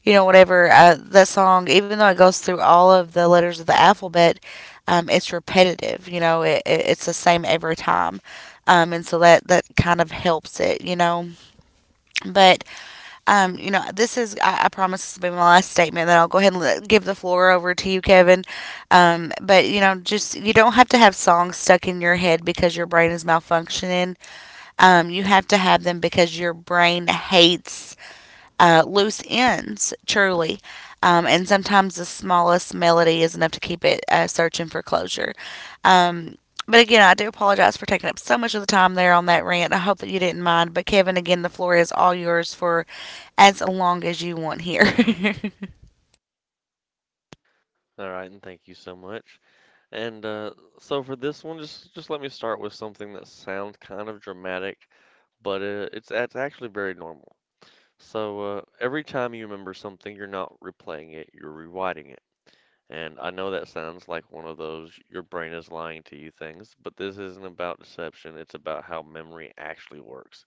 Speaker 1: you know, whatever. That song, even though it goes through all of the letters of the alphabet, it's repetitive, you know, it's the same every time. And so that kind of helps it, you know. But you know, this is, I promise this will be my last statement, then I'll go ahead and let, give the floor over to you, Kevin. But, you know, just, you don't have to have songs stuck in your head because your brain is malfunctioning. You have to have them because your brain hates loose ends, truly. And sometimes the smallest melody is enough to keep it searching for closure. Um, but again, I do apologize for taking up so much of the time there on that rant. I hope that you didn't mind. But Kevin, again, the floor is all yours for as long as you want here. *laughs*
Speaker 2: All right, and thank you so much. And so for this one, just let me start with something that sounds kind of dramatic, but it's actually very normal. So every time you remember something, you're not replaying it, you're rewriting it. And I know that sounds like one of those your brain is lying to you things, but this isn't about deception. It's about how memory actually works.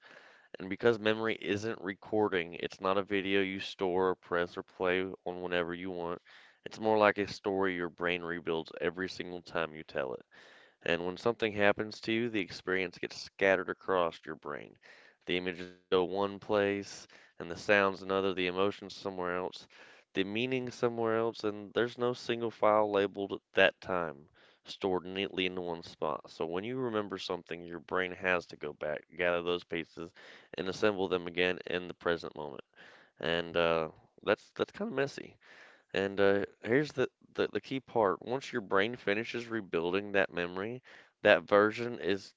Speaker 2: And because memory isn't recording, it's not a video you store, press, or play on whenever you want. It's more like a story your brain rebuilds every single time you tell it. And when something happens to you, the experience gets scattered across your brain. The images go one place, and the sounds another, the emotions somewhere else, the meaning somewhere else, and there's no single file labeled at that time, stored neatly in one spot. So when you remember something, your brain has to go back, gather those pieces, and assemble them again in the present moment. And That's kind of messy. And here's the the key part. Once your brain finishes rebuilding that memory, that version is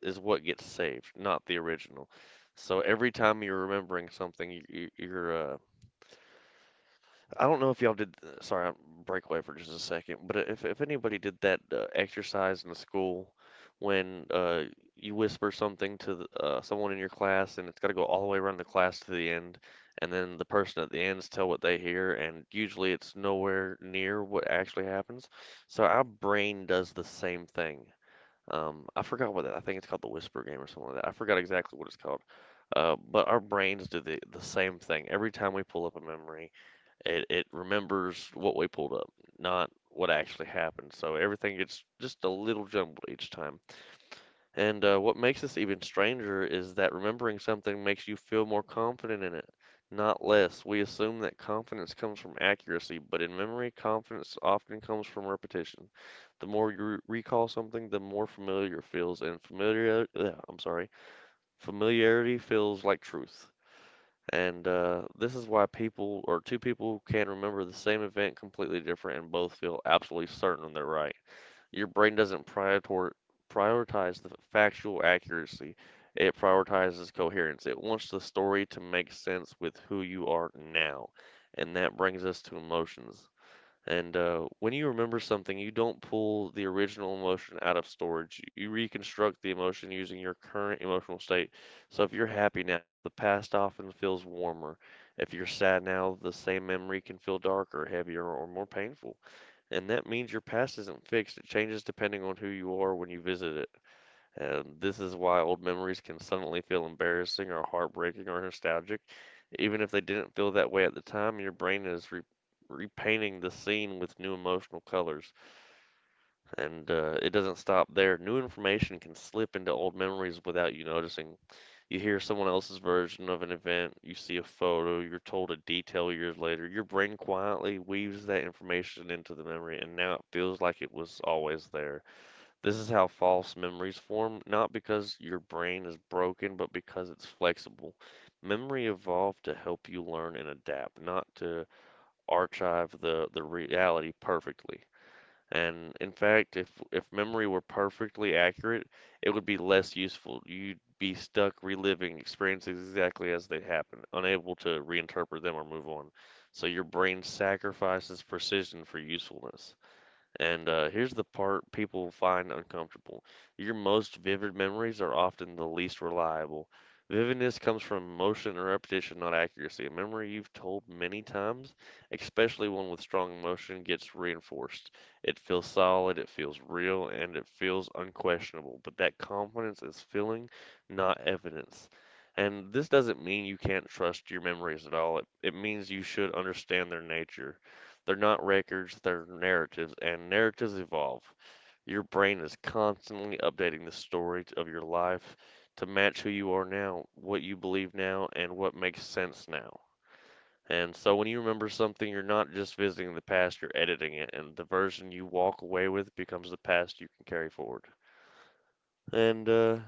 Speaker 2: is what gets saved, not the original. So every time you're remembering something, you- you're I don't know if y'all did. Sorry, I'm break away for just a second. But if anybody did that exercise in the school, when you whisper something to the, someone in your class, and it's got to go all the way around the class to the end, and then the person at the end's tell what they hear, and usually it's nowhere near what actually happens. So our brain does the same thing. I forgot what that. I think it's called the Whisper Game or something like that. I forgot exactly what it's called. But our brains do the same thing every time we pull up a memory. It remembers what we pulled up, not what actually happened. So everything gets just a little jumbled each time. And What makes this even stranger is that remembering something makes you feel more confident in it, not less. We assume that confidence comes from accuracy, but in memory, confidence often comes from repetition. The more you recall something, the more familiar it feels, and familiarity feels like truth. And This is why people or two people can remember the same event completely different and both feel absolutely certain they're right. Your brain doesn't prioritize the factual accuracy. It prioritizes coherence. It wants the story to make sense with who you are now. And that brings us to emotions. And When you remember something, you don't pull the original emotion out of storage. You reconstruct the emotion using your current emotional state. So if you're happy now, the past often feels warmer. If you're sad now, the same memory can feel darker, heavier, or more painful and that means your past isn't fixed. It changes depending on who you are when you visit it. And this is why old memories can suddenly feel embarrassing or heartbreaking or nostalgic. Even if they didn't feel that way at the time, your brain is repainting the scene with new emotional colors. And It doesn't stop there. New information can slip into old memories without you noticing. You hear someone else's version of an event, you see a photo, you're told a detail years later. Your brain quietly weaves that information into the memory, and now it feels like it was always there. This is how false memories form, not because your brain is broken, but because it's flexible. Memory evolved to help you learn and adapt, not to archive the reality perfectly. And in fact, if memory were perfectly accurate, it would be less useful. You'd be stuck reliving experiences exactly as they happen, unable to reinterpret them or move on. So your brain sacrifices precision for usefulness. And Here's the part people find uncomfortable. Your most vivid memories are often the least reliable. Vividness comes from emotion and repetition, not accuracy. A memory you've told many times, especially one with strong emotion, gets reinforced. It feels solid, it feels real, and it feels unquestionable. But that confidence is feeling, not evidence. And this doesn't mean you can't trust your memories at all. It means you should understand their nature. They're not records, they're narratives, and narratives evolve. Your brain is constantly updating the story of your life to match who you are now, what you believe now, and what makes sense now. And so when you remember something, you're not just visiting the past, you're editing it, and the version you walk away with becomes the past you can carry forward. And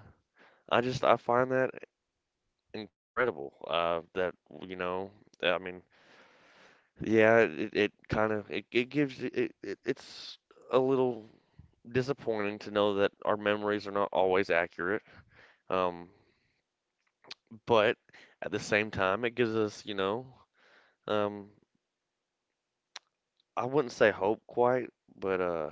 Speaker 2: I just I find that incredible. That you know, I mean, yeah, it kind of it, it gives it, it it's a little disappointing to know that our memories are not always accurate. Um, but at the same time, it gives us, you know, um, I wouldn't say hope quite, but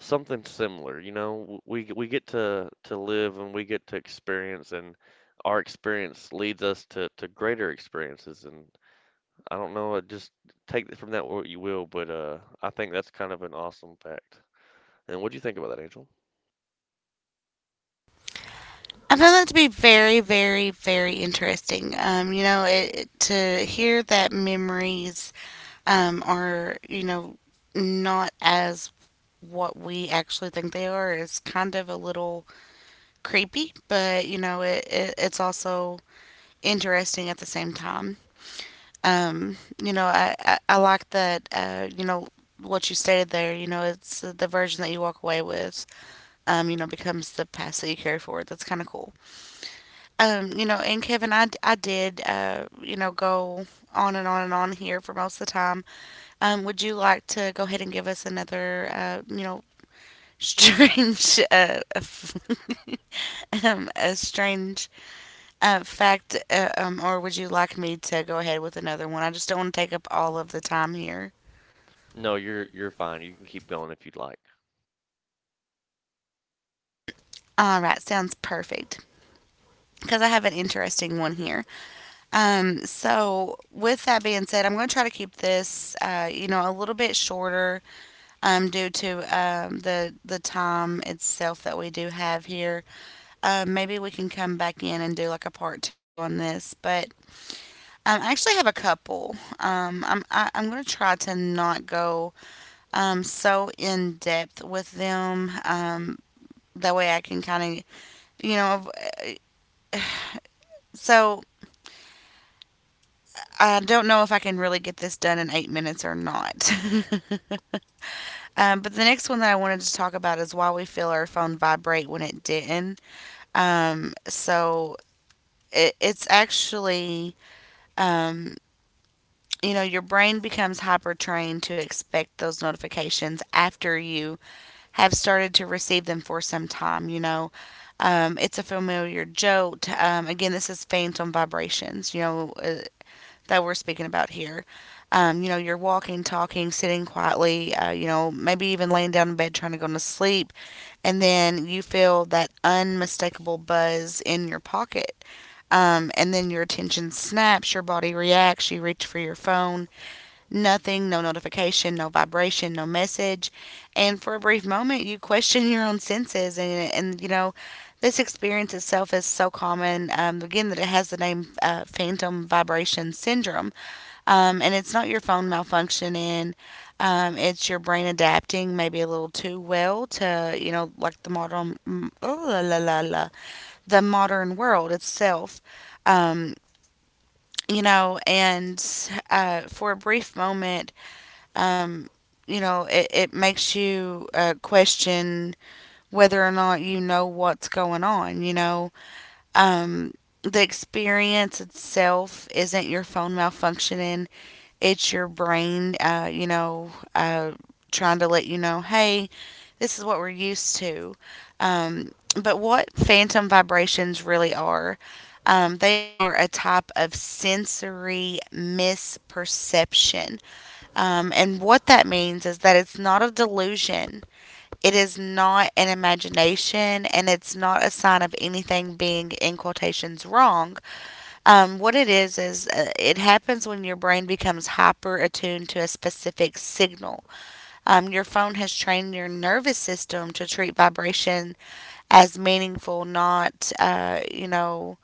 Speaker 2: something similar. You know, we get to live and we get to experience, and our experience leads us to greater experiences. And I don't know, just take from that what you will, but I think that's kind of an awesome fact. And what do you think about that, Angel?
Speaker 1: I found that to be very, very, very interesting. You know, it, to hear that memories are, you know, not as what we actually think they are is kind of a little creepy, but you know, it it's also interesting at the same time. Um, you know, I like that, you know, what you stated there, you know, it's the version that you walk away with, you know, becomes the past that you carry forward. That's kind of cool. You know, and Kevin, I did, you know, go on and on and on here for most of the time. Would you like to go ahead and give us another, you know, strange *laughs* a strange fact, or would you like me to go ahead with another one? I just don't want to take up all of the time here.
Speaker 2: No, you're fine. You can keep going if you'd like.
Speaker 1: All right, sounds perfect. Because I have an interesting one here. So, with that being said, I'm going to try to keep this, you know, a little bit shorter due to the time itself that we do have here. Maybe we can come back in and do like a part two on this. But I actually have a couple. I'm going to try to not go so in depth with them. That way I can kind of, you know, so I don't know if I can really get this done in 8 minutes or not. *laughs* But the next one that I wanted to talk about is why we feel our phone vibrate when it didn't. So it, it's actually, um, you know, your brain becomes hyper trained to expect those notifications after you have started to receive them for some time, you know. It's a familiar jolt. Again, this is phantom vibrations, you know, that we're speaking about here. You know, you're walking, talking, sitting quietly, you know, maybe even laying down in bed trying to go to sleep, and then you feel that unmistakable buzz in your pocket. And then your attention snaps, your body reacts, you reach for your phone, nothing, no notification, no vibration, no message. And for a brief moment, you question your own senses. This experience itself is so common, again, that it has the name phantom vibration syndrome. And it's not your phone malfunctioning, it's your brain adapting maybe a little too well to, like the modern, mm, ooh, la, la, la, la, the modern world itself. Um, you know, and For a brief moment, um, it makes you question whether or not you know what's going on, Um, the experience itself isn't your phone malfunctioning, it's your brain, trying to let you know, hey, this is what we're used to. Um, but what phantom vibrations really are, they are a type of sensory misperception. And what that means is that it's not a delusion, it is not an imagination, and it's not a sign of anything being, in quotations, wrong. What it is, is it happens when your brain becomes hyper attuned to a specific signal. Your phone has trained your nervous system to treat vibration as meaningful, not, uh, you know,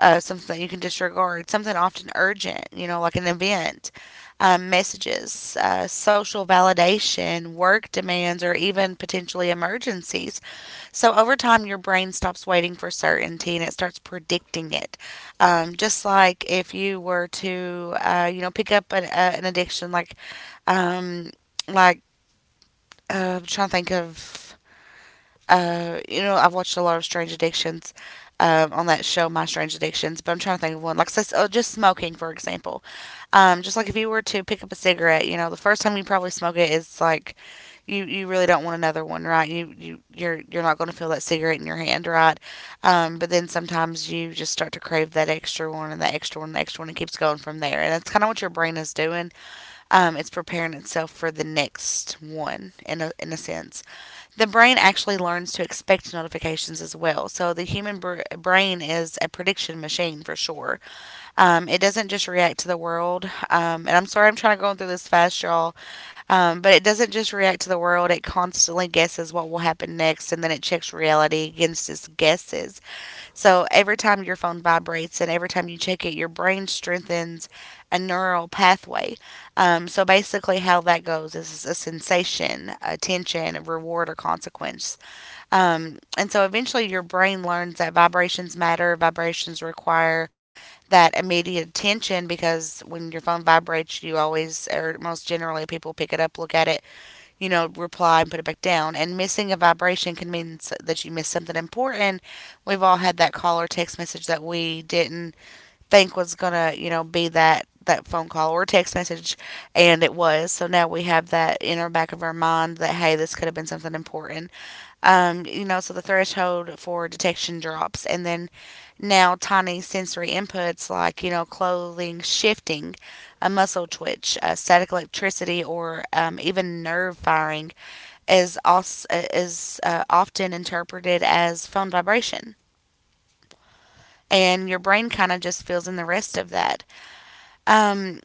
Speaker 1: uh, something that you can disregard, something often urgent, you know, like an event, messages, social validation, work demands, or even potentially emergencies. So over time, your brain stops waiting for certainty and it starts predicting it. Just like if you were to, pick up an addiction, um, like, I'm trying to think of I've watched a lot of Strange Addictions on that show, My Strange Addictions, but I'm trying to think of one. Like, say, oh, just smoking, for example. Just like if you were to pick up a cigarette, you know, the first time you probably smoke it is like you really don't want another one, right? You're not going to feel that cigarette in your hand, right? But then sometimes you just start to crave that extra one and that extra one and the extra one and it keeps going from there. And that's kind of what your brain is doing. It's preparing itself for the next one in a sense the brain actually learns to expect notifications as well. So the human brain is a prediction machine for sure. It doesn't just react to the world. And I'm sorry I'm trying to go through this fast, y'all. But it doesn't just react to the world. It constantly guesses what will happen next, and then it checks reality against its guesses. So every time your phone vibrates and every time you check it, your brain strengthens a neural pathway. So basically, how that goes is a sensation, attention, reward, or consequence. And so eventually, your brain learns that vibrations matter. Vibrations require that immediate attention because when your phone vibrates, you always, or most generally, people pick it up, look at it, you know, reply and put it back down. And missing a vibration can mean that you missed something important. We've all had that call or text message that we didn't think was gonna, you know, be that phone call or text message, and it was. So now we have that in our back of our mind that hey, this could have been something important. You know, so the threshold for detection drops, and then now tiny sensory inputs like you know clothing shifting, a muscle twitch, static electricity, or even nerve firing is also is often interpreted as phone vibration, and your brain kind of just fills in the rest of that. Um,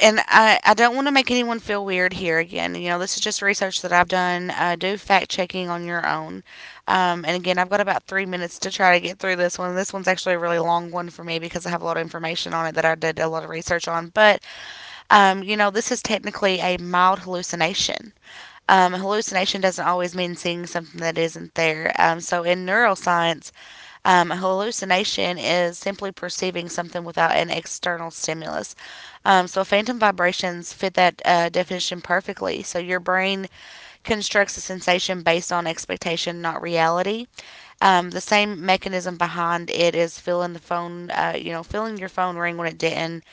Speaker 1: I don't want to make anyone feel weird here again. You know, this is just research that I've done. Do fact checking on your own. And again, I've got about 3 minutes to try to get through this one. This one's actually a really long one for me because I have a lot of information on it that I did a lot of research on. You know, this is technically a mild hallucination. Hallucination doesn't always mean seeing something that isn't there. So in neuroscience, a hallucination is simply perceiving something without an external stimulus. So phantom vibrations fit that definition perfectly. So your brain constructs a sensation based on expectation, not reality. The same mechanism behind it is feeling the phone, feeling your phone ring when it didn't,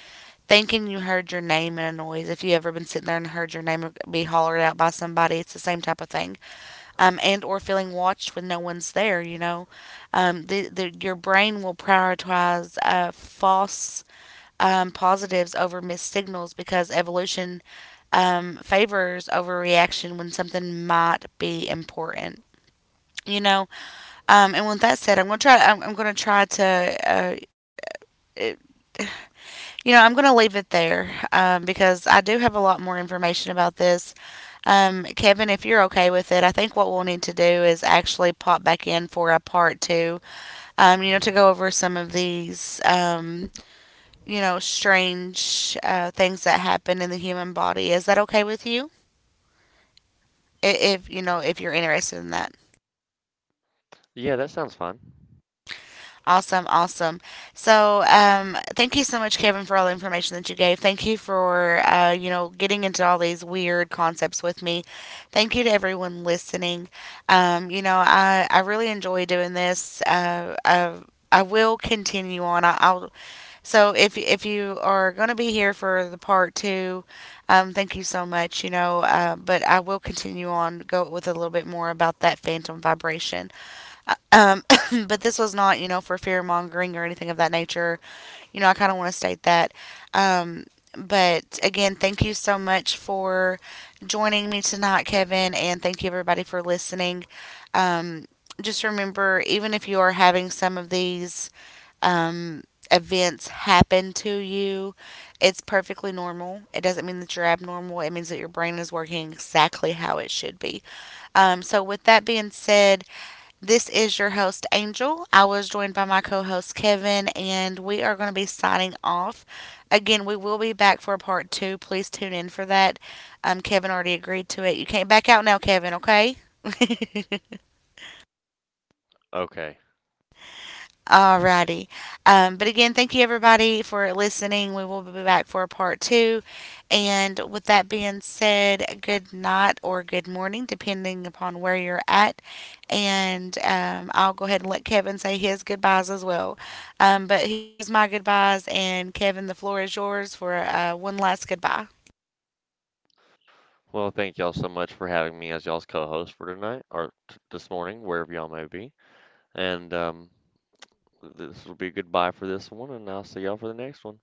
Speaker 1: thinking you heard your name in a noise. If you ever been sitting there and heard your name be hollered out by somebody, it's the same type of thing. And or feeling watched when no one's there. The your brain will prioritize false positives over missed signals because evolution favors overreaction when something might be important. You know, and with that said, I'm gonna try. I'm gonna try to. Uh, You know, I'm going to leave it there because I do have a lot more information about this. Kevin, if you're okay with it, I think what we'll need to do is actually pop back in for a part two, to go over some of these, strange things that happen in the human body. Is that okay with you? If, you know, if you're interested in that.
Speaker 2: Yeah, that sounds fine.
Speaker 1: Awesome, awesome. So, thank you so much, Kevin, for all the information that you gave. Thank you for, getting into all these weird concepts with me. Thank you to everyone listening. I really enjoy doing this. I will continue on. I, I'll So if you are going to be here for the part two, thank you so much. But I will continue on go with a little bit more about that phantom vibration. Um, *coughs* but this was not, you know, for fear mongering or anything of that nature. You know, I kind of want to state that. Um, but again, thank you so much for joining me tonight, Kevin, and thank you everybody for listening. Um, just remember, even if you are having some of these um, events happen to you, it's perfectly normal. It doesn't mean that you're abnormal, it means that your brain is working exactly how it should be. So, with that being said, this is your host, Angel. I was joined by my co host, Kevin, and we are going to be signing off. Again, we will be back for part two. Please tune in for that. Kevin already agreed to it. You can't back out now, Kevin, okay? *laughs*
Speaker 2: Okay.
Speaker 1: Alrighty. But again, thank you everybody for listening. We will be back for a part two. And with that being said, good night or good morning, depending upon where you're at. And I'll go ahead and let Kevin say his goodbyes as well. But here's my goodbyes, and Kevin, the floor is yours for one last goodbye.
Speaker 2: Well, thank y'all so much for having me as y'all's co-host for tonight or t this morning, wherever y'all may be. And This will be goodbye for this one, and I'll see y'all for the next one.